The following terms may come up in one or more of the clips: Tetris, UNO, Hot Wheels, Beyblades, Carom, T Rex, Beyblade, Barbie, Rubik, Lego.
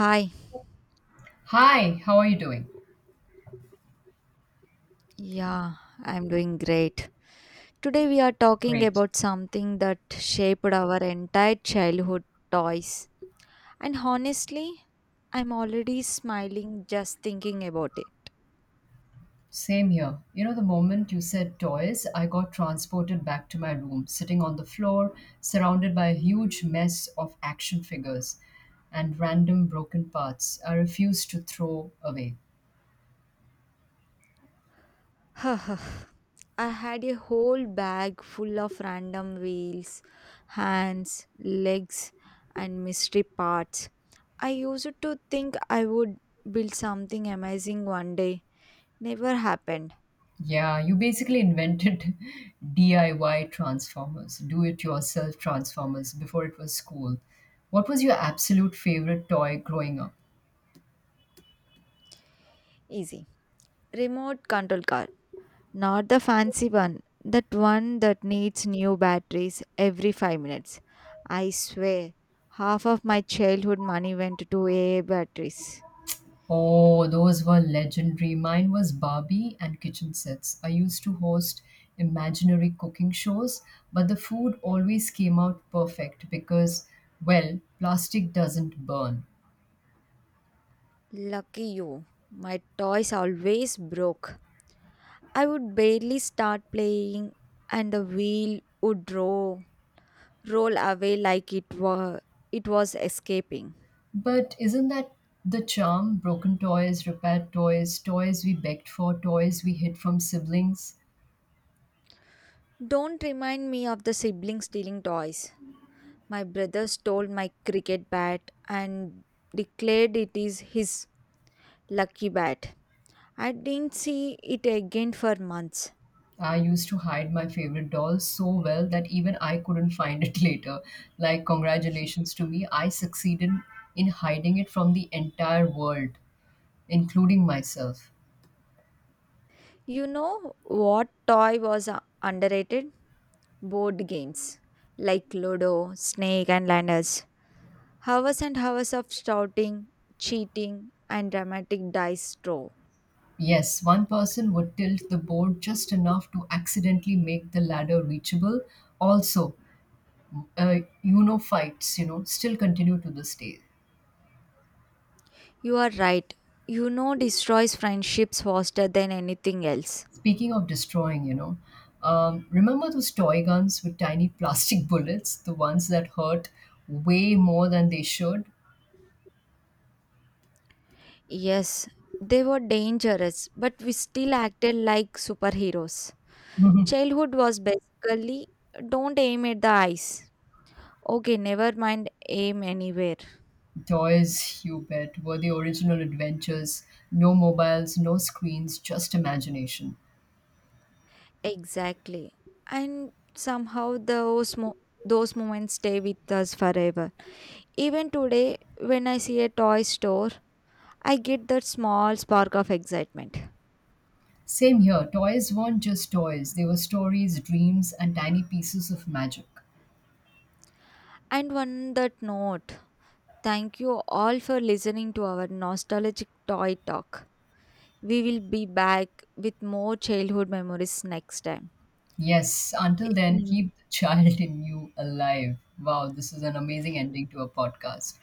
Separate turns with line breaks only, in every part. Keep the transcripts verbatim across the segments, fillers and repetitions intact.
Hi,
Hi, how are you doing?
yeah, I'm doing great. Today we are talking
Great.
about something that shaped our entire childhood toys. And honestly, I'm already smiling just thinking about it.
Same here. You know, the moment you said toys, I got transported back to my room, sitting on the floor, surrounded by a huge mess of action figures and random broken parts I refused to throw away.
I had a whole bag full of random wheels, hands, legs, and mystery parts. I used to think I would build something amazing one day. Never happened.
Yeah, you basically invented D I Y transformers, do it yourself transformers, before it was cool. What was your absolute favorite toy growing up?
Easy. Remote control car. Not the fancy one, that one that needs new batteries every five minutes. I swear, half of my childhood money went to A A batteries.
Oh, those were legendary. Mine was Barbie and kitchen sets. I used to host imaginary cooking shows, but the food always came out perfect because, well, plastic doesn't burn.
Lucky you. My toys always broke. I would barely start playing and the wheel would roll, roll away like it were it was escaping.
But isn't that the charm? Broken toys, repaired toys, toys we begged for, toys we hid from siblings.
Don't remind me of the sibling stealing toys. My brother stole my cricket bat and declared it is his lucky bat. I didn't see it again for months.
I used to hide my favorite doll so well that even I couldn't find it later. Like, congratulations to me, I succeeded in hiding it from the entire world, including myself.
You know what toy was uh, underrated? Board games like Ludo, Snake, and Ladders. Hours and hours of shouting, cheating, and dramatic dice throw.
Yes, one person would tilt the board just enough to accidentally make the ladder reachable. Also, uh, you know, fights, you know, still continue to this day.
You are right. You know destroys friendships faster than anything else.
Speaking of destroying, you know, um, remember those toy guns with tiny plastic bullets, the ones that hurt way more than they should?
Yes, they were dangerous, but we still acted like superheroes.
Mhm.
Childhood was basically don't aim at the eyes. Okay, never mind, aim anywhere.
Toys, you bet, were the original adventures. No mobiles, no screens, just imagination.
Exactly. And somehow those mo- those moments stay with us forever. Even today, when I see a toy store, I get that small spark of excitement.
Same here, toys weren't just toys, they were stories, dreams, and tiny pieces of magic.
And on that note, thank you all for listening to our nostalgic toy talk. We will be back with more childhood memories next time.
Yes, until then,
Mm,
keep the child in you alive. Wow, this is an amazing ending to a podcast.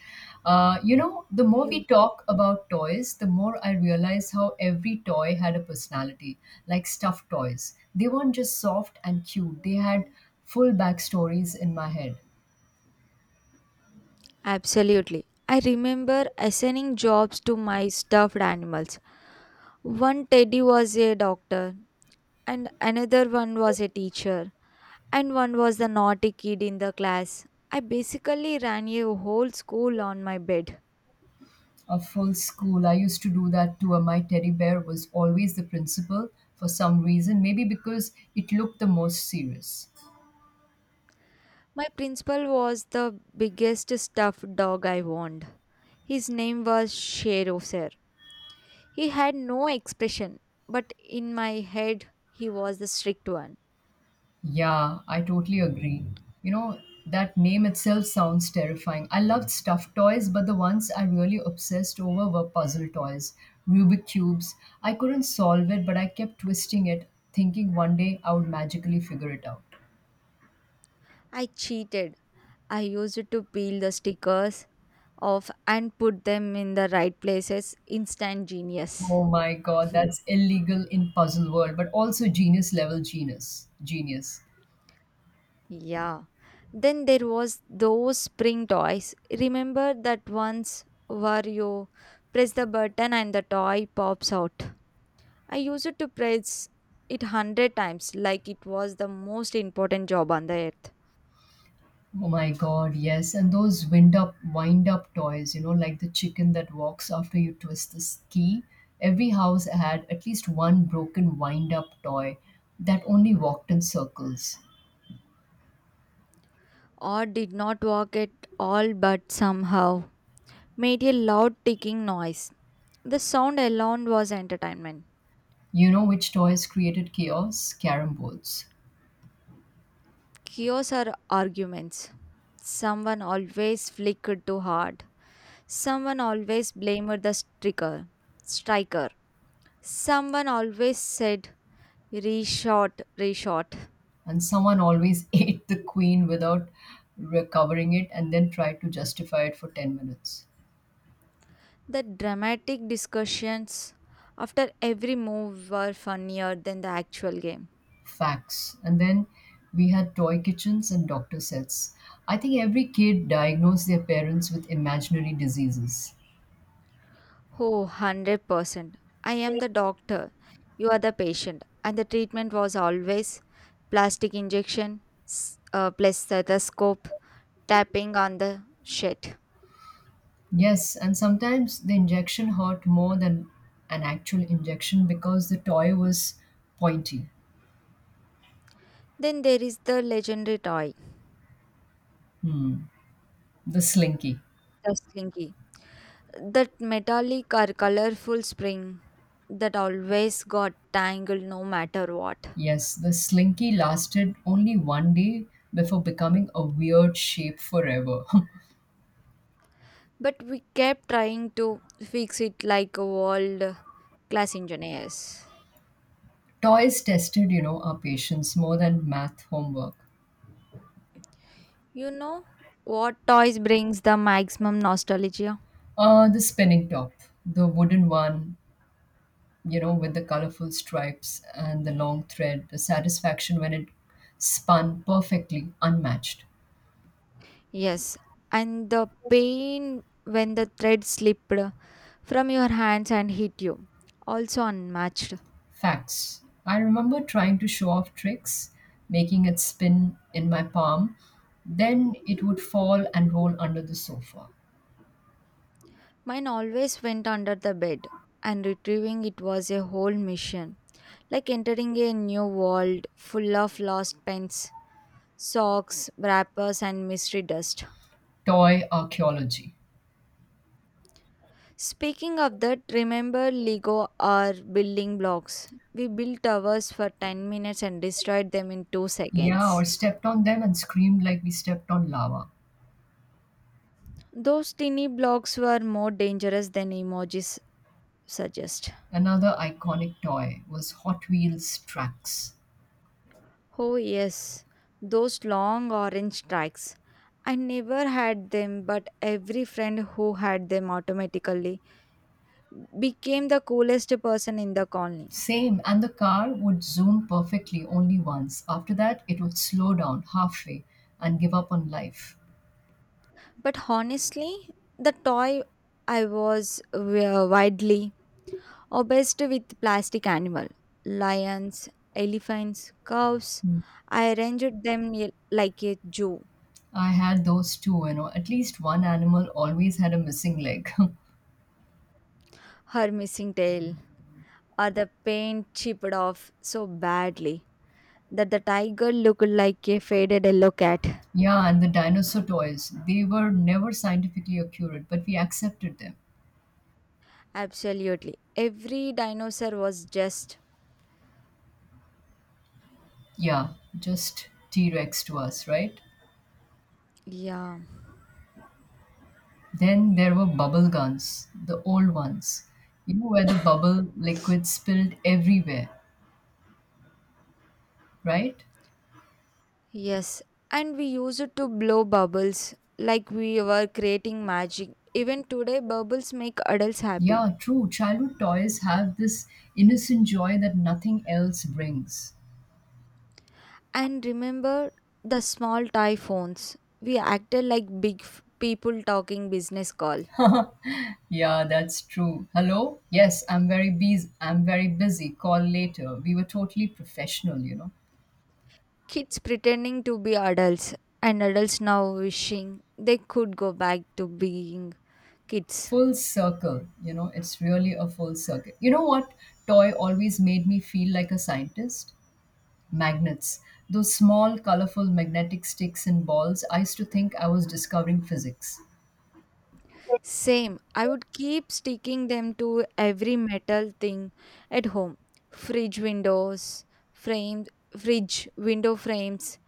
Uh, you know, the more we
you-
talk about toys, the more I realize how every toy had a personality, like stuffed toys. They weren't just soft and cute, they had full backstories in my head.
Absolutely. I remember assigning jobs to my stuffed animals. One teddy was a doctor, and another one was a teacher, and one was the naughty kid in the class. I basically ran a whole school on my bed.
A full school, I used to do that too. My teddy bear was always the principal for some reason, maybe because it looked the most serious.
My principal was the biggest stuffed dog I owned. His name was Shero, Sir. He had no expression, but in my head, he was the strict one.
Yeah, I totally agree. You know, that name itself sounds terrifying. I loved stuffed toys, but the ones I really obsessed over were puzzle toys, Rubik cubes. I couldn't solve it, but I kept twisting it, thinking one day I would magically figure it out.
I cheated. I used to peel the stickers off and put them in the right places. Instant genius.
Oh my god, that's illegal in puzzle world, but also genius level genius. Genius.
Yeah. Then there was those spring toys. Remember that ones where you press the button and the toy pops out. I used to press it hundred times like it was the most important job on the earth.
Oh my God, yes. And those wind up, wind up toys, you know, like the chicken that walks after you twist the key. Every house had at least one broken wind up toy that only walked in circles.
Or did not work at all but somehow made a loud ticking noise. The sound alone was entertainment.
You know which toys created chaos? Carom boards.
Chaos or arguments. Someone always flickered too hard. Someone always blamed the striker. Striker. Someone always said reshot, reshot.
And someone always ate the queen without recovering it and then tried to justify it for ten minutes.
The dramatic discussions after every move were funnier than the actual game.
Facts. And then we had toy kitchens and doctor sets. I think every kid diagnosed their parents with imaginary diseases.
Oh, one hundred percent. I am the doctor. You are the patient. And the treatment was always plastic injection, s- uh, plus stethoscope, tapping on the shit.
Yes, and sometimes the injection hurt more than an actual injection because the toy was pointy,
Then there is the legendary toy,
the slinky.
the slinky. That metallic or colorful spring that always got tangled no matter what.
Yes, the slinky lasted only one day before becoming a weird shape forever.
But we kept trying to fix it like world class engineers.
Toys tested, you know, our patience more than math homework.
You know what toys brings the maximum nostalgia?
Uh, the spinning top, the wooden one you know, with the colorful stripes and the long thread, the satisfaction when it spun perfectly, unmatched.
Yes, and the pain when the thread slipped from your hands and hit you. Also unmatched.
Facts. I remember trying to show off tricks, making it spin in my palm, then it would fall and roll under the sofa.
Mine always went under the bed, and retrieving it was a whole mission. Like entering a new world full of lost pens, socks, wrappers, and mystery dust.
Toy archaeology.
Speaking of that, remember Lego or building blocks? We built towers for ten minutes and destroyed them in two
Yeah, or
seconds.
stepped on them and screamed like we stepped on lava.
Those tiny blocks were more dangerous than emojis suggest.
Another iconic toy was Hot Wheels tracks.
Oh, yes, those long orange strikes. I never had them, but every friend who had them automatically became the coolest person in the colony.
Same, and the car would zoom perfectly only once. After that, it would slow down halfway and give up on life.
But honestly, the toy I was uh, widely obsessed with plastic animal lions, elephants, cows. I arranged them y- Like a zoo.
I had those too, you know. At least one animal always had a missing leg.
Her missing tail or the paint chipped off so badly that the tiger looked like a faded yellow cat.
Yeah, and the dinosaur toys, they were never scientifically accurate, but we accepted them.
Absolutely, every dinosaur was just
Yeah, just T Rex to us, right?
yeah.
Then there were bubble guns, the old ones, you know, where the bubble liquid spilled everywhere, right?
Yes, and we used to blow bubbles like we were creating magic. Even today bubbles make adults happy.
Yeah, true. Childhood toys have this innocent joy that nothing else brings.
And remember the small toy phones. We acted like big f- people talking business call.
Yeah, that's true. Hello? Yes, I'm very busy. I'm very busy. Call later. We were totally professional, you know.
Kids pretending to be adults, and adults now wishing they could go back to being kids.
Full circle, you know, it's really a full circle. You know what toy always made me feel like a scientist? Magnets. Those small, colorful magnetic sticks and balls, I used to think I was discovering physics.
Same, I would keep sticking them to every metal thing at home: fridge windows, frames, fridge window frames,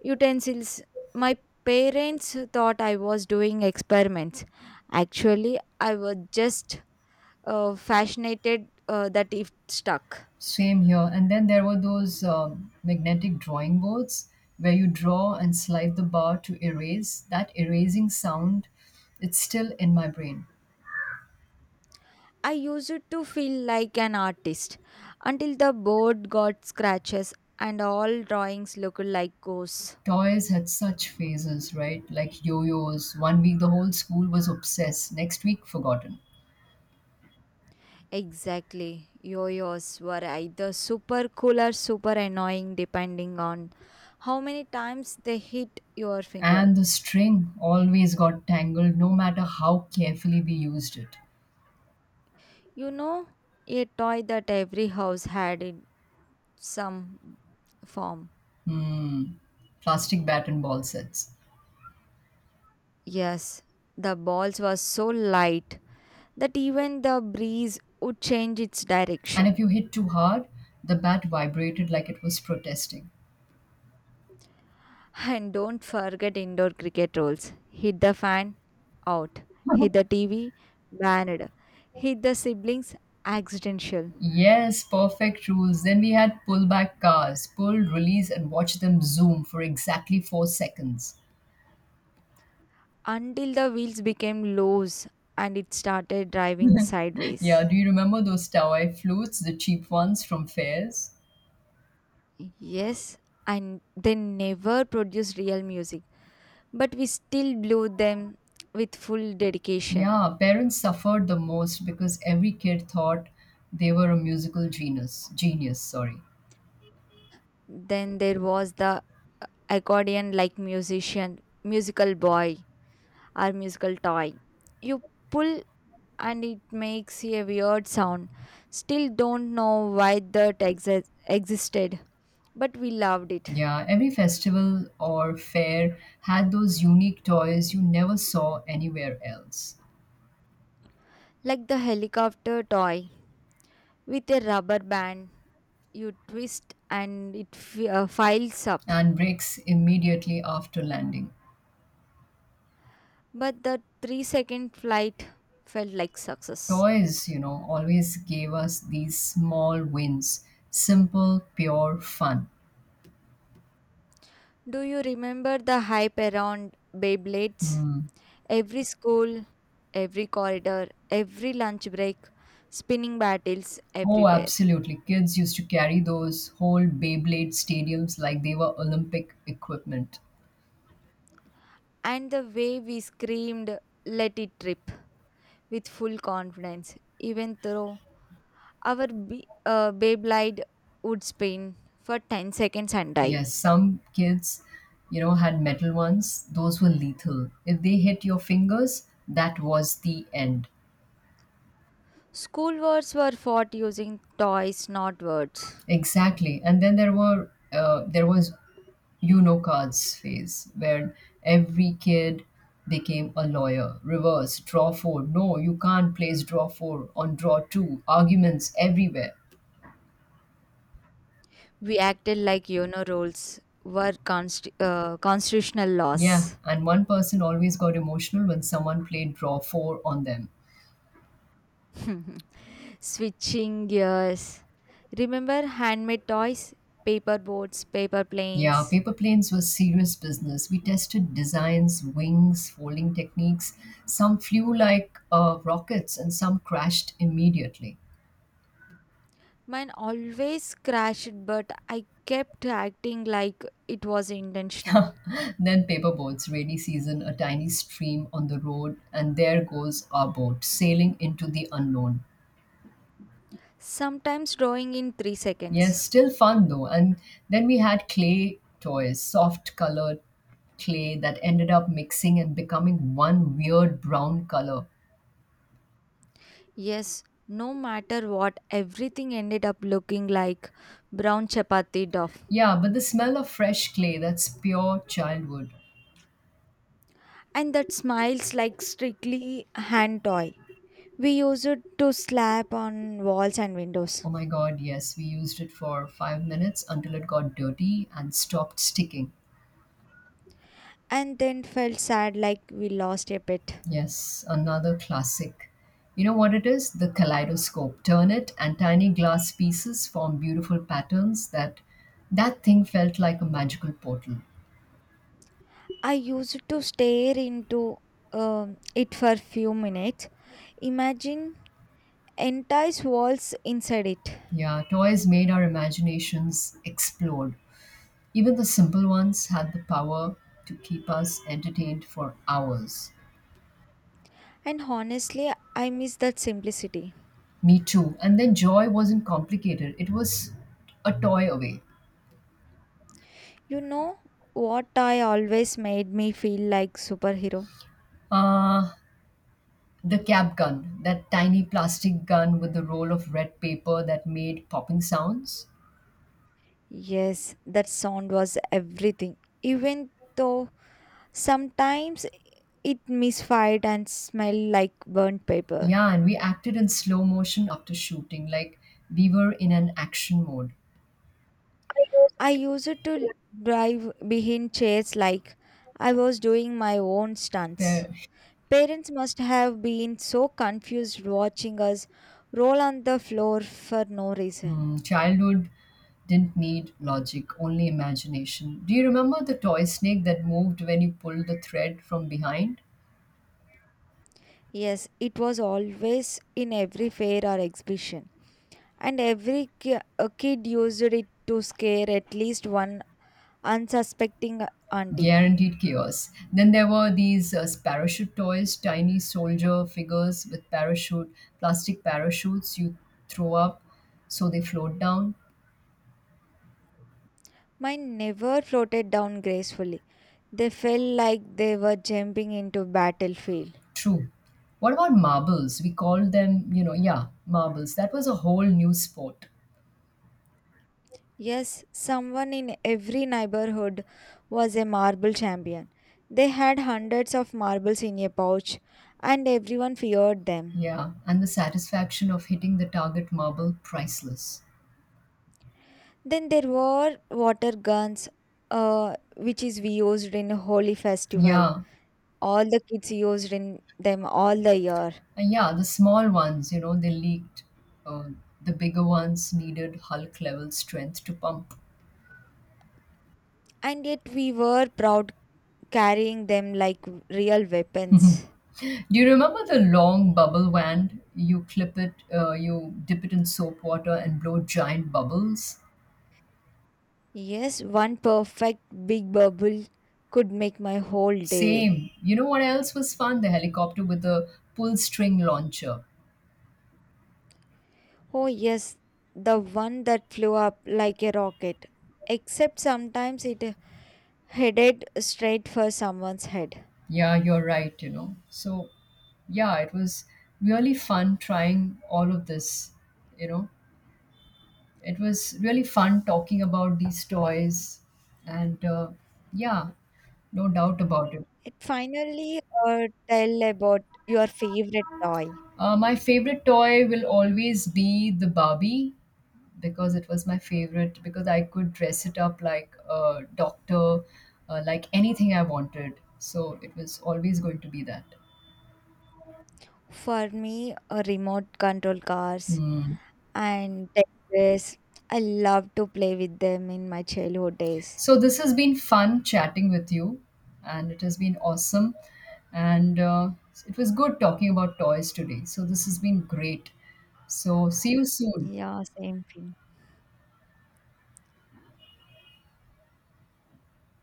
utensils. My parents thought I was doing experiments. Actually, I was just uh, fascinated uh, that it stuck.
Same here. And then there were those um, magnetic drawing boards where you draw and slide the bar to erase. That erasing sound, it's still in my brain.
I used to feel like an artist until the board got scratches and all drawings looked like ghosts.
Toys had such phases, right? Like yo yo's. One week the whole school was obsessed, next week forgotten.
Exactly. Yo-yos were either super cool or super annoying depending on how many times they hit your finger.
And the string always got tangled no matter how carefully we used it.
You know, a toy that every house had in some form.
Hmm. Plastic bat and ball sets.
Yes, the balls were so light that even the breeze would change its
And if you
direction.
hit too hard, the bat vibrated like it was protesting.
And don't forget indoor cricket rules. Hit the fan, out. Hit the T V, banned. Hit the siblings, accidental.
Yes, perfect rules. Then we had pull back cars, pull, release, and watch them zoom for exactly four seconds.
Until the wheels became loose and it started driving sideways.
Yeah, do you remember those Tawai flutes, the cheap ones from fairs?
Yes, and they never produced real music, but we still blew them with full dedication.
Yeah, parents suffered the most because every kid thought they were a musical genius. Genius, sorry.
Then there was the accordion like musician, musical boy or musical toy. You pull and it makes a weird sound. Still don't know why that exi- existed, but we loved it.
Yeah, every festival or fair had those unique toys you never saw anywhere else
Like the helicopter toy with a rubber band, you twist and it f- uh, files up.
and breaks immediately after landing.
But the three second flight felt like success.
Toys, you know, always gave us these small wins, simple, pure fun.
Do you remember the hype around Beyblades?
Hmm.
Every school, every corridor, every lunch break, spinning battles
Oh,
everywhere.
absolutely. Kids used to carry those whole Beyblade stadiums like they were Olympic equipment.
And the way we screamed, let it rip, with full confidence, even though our b- uh, Beyblade would spin for ten seconds and die.
Yes, some kids, you know, had metal ones. Those were lethal. If they hit your fingers, that was the end.
School wars were fought using toys, not words.
Exactly. And then there were uh, there was you know cards phase where every kid became a lawyer reverse draw four no you can't place draw four on draw two arguments everywhere.
We acted like UNO rules were const- uh, constitutional
Yeah,
laws.
and one person always got emotional when someone played draw four on them.
Switching gears. Remember handmade toys? Paper boats, paper
Yeah,
planes.
paper planes was serious business, we tested designs wings folding techniques, some flew like uh, rockets and some crashed immediately.
Mine always crashed, but I kept acting like it was intentional.
Then paperboats, rainy season, a tiny stream on the road, and there goes our boat, sailing into the unknown.
Sometimes drawing in three
Yes,
seconds.
still fun though. And then we had clay toys, soft colored clay that ended up mixing and becoming one weird brown color.
Yes, no matter what, everything ended up looking like brown chapati duff.
Yeah, but the smell of fresh clay, that's pure childhood.
And that smiles like strictly hand toy. We used it to slap on walls and windows.
Oh my god, yes, we used it for five minutes until it got dirty and stopped sticking.
And then felt sad like we lost a pet.
Yes, another classic. You know what it is? The kaleidoscope. Turn it, and tiny glass pieces form beautiful patterns. That that thing felt like a magical portal.
I used to stare into um, it for few minutes, imagine entire walls inside it.
Yeah, toys made our imaginations explode. Even the simple ones had the power to keep us entertained for hours.
And honestly, I miss that simplicity.
Me too. And then joy wasn't complicated. It was a toy away.
You know what I always made me feel like superhero?
Uh, The cap gun, that tiny plastic gun with the roll of red paper that made popping sounds.
Yes, that sound was everything. Even though sometimes it misfired and smelled like burnt paper.
Yeah, and we acted in slow motion after shooting, like we were in an action mode.
I used to drive behind chairs like I was doing my own stunts.
Where,
Parents must have been so confused watching us roll on the floor for no reason.
hmm, childhood didn't need logic, only imagination. Do you remember the toy snake that moved when you pulled the thread from behind?
Yes, it was always in every fair or exhibition, and every ki- a kid used it to scare at least one unsuspecting auntie.
Guaranteed chaos. Then there were these uh, parachute toys, tiny soldier figures with parachute, plastic parachutes you throw up so they float down.
Mine never floated down gracefully. They felt like they were jumping into battlefield.
True. What about marbles? We called them, you know, yeah, marbles. That was a whole new sport.
Yes, someone in every neighborhood was a marble champion. They had hundreds of marbles in a pouch, and everyone feared them.
Yeah, and the satisfaction of hitting the target marble, priceless.
Then there were water guns, uh, which is used in holy festival.
Yeah,
All the kids used in them all the year,
and yeah, the small ones, you know, they leaked. Uh, the bigger ones needed Hulk level strength to pump.
and yet we were proud carrying them like real weapons.
Do you remember the long bubble wand? You clip it, uh, you dip it in soap water and blow giant bubbles.
Yes, one perfect big bubble could make my whole day.
Same. You know what else was fun? The helicopter with the pull string launcher.
Oh, yes, the one that flew up like a rocket. Except sometimes it headed straight for someone's head.
Yeah, you're right, you know. So, yeah, it was really fun trying all of this, you know. It was really fun talking about these toys and, uh, yeah, no doubt about it.
It finally uh, tell about your favorite toy.
Uh, my favorite toy will always be the Barbie, because it was my favorite because I could dress it up like a doctor, uh, like anything I wanted. So it was always going to be that.
For me, uh, remote control cars
Hmm.
and Tetris. I love to play with them in my childhood days.
So this has been fun chatting with you, and it has been awesome. And uh, it was good talking about toys today. So this has been great. So see you soon.
Yeah, same thing.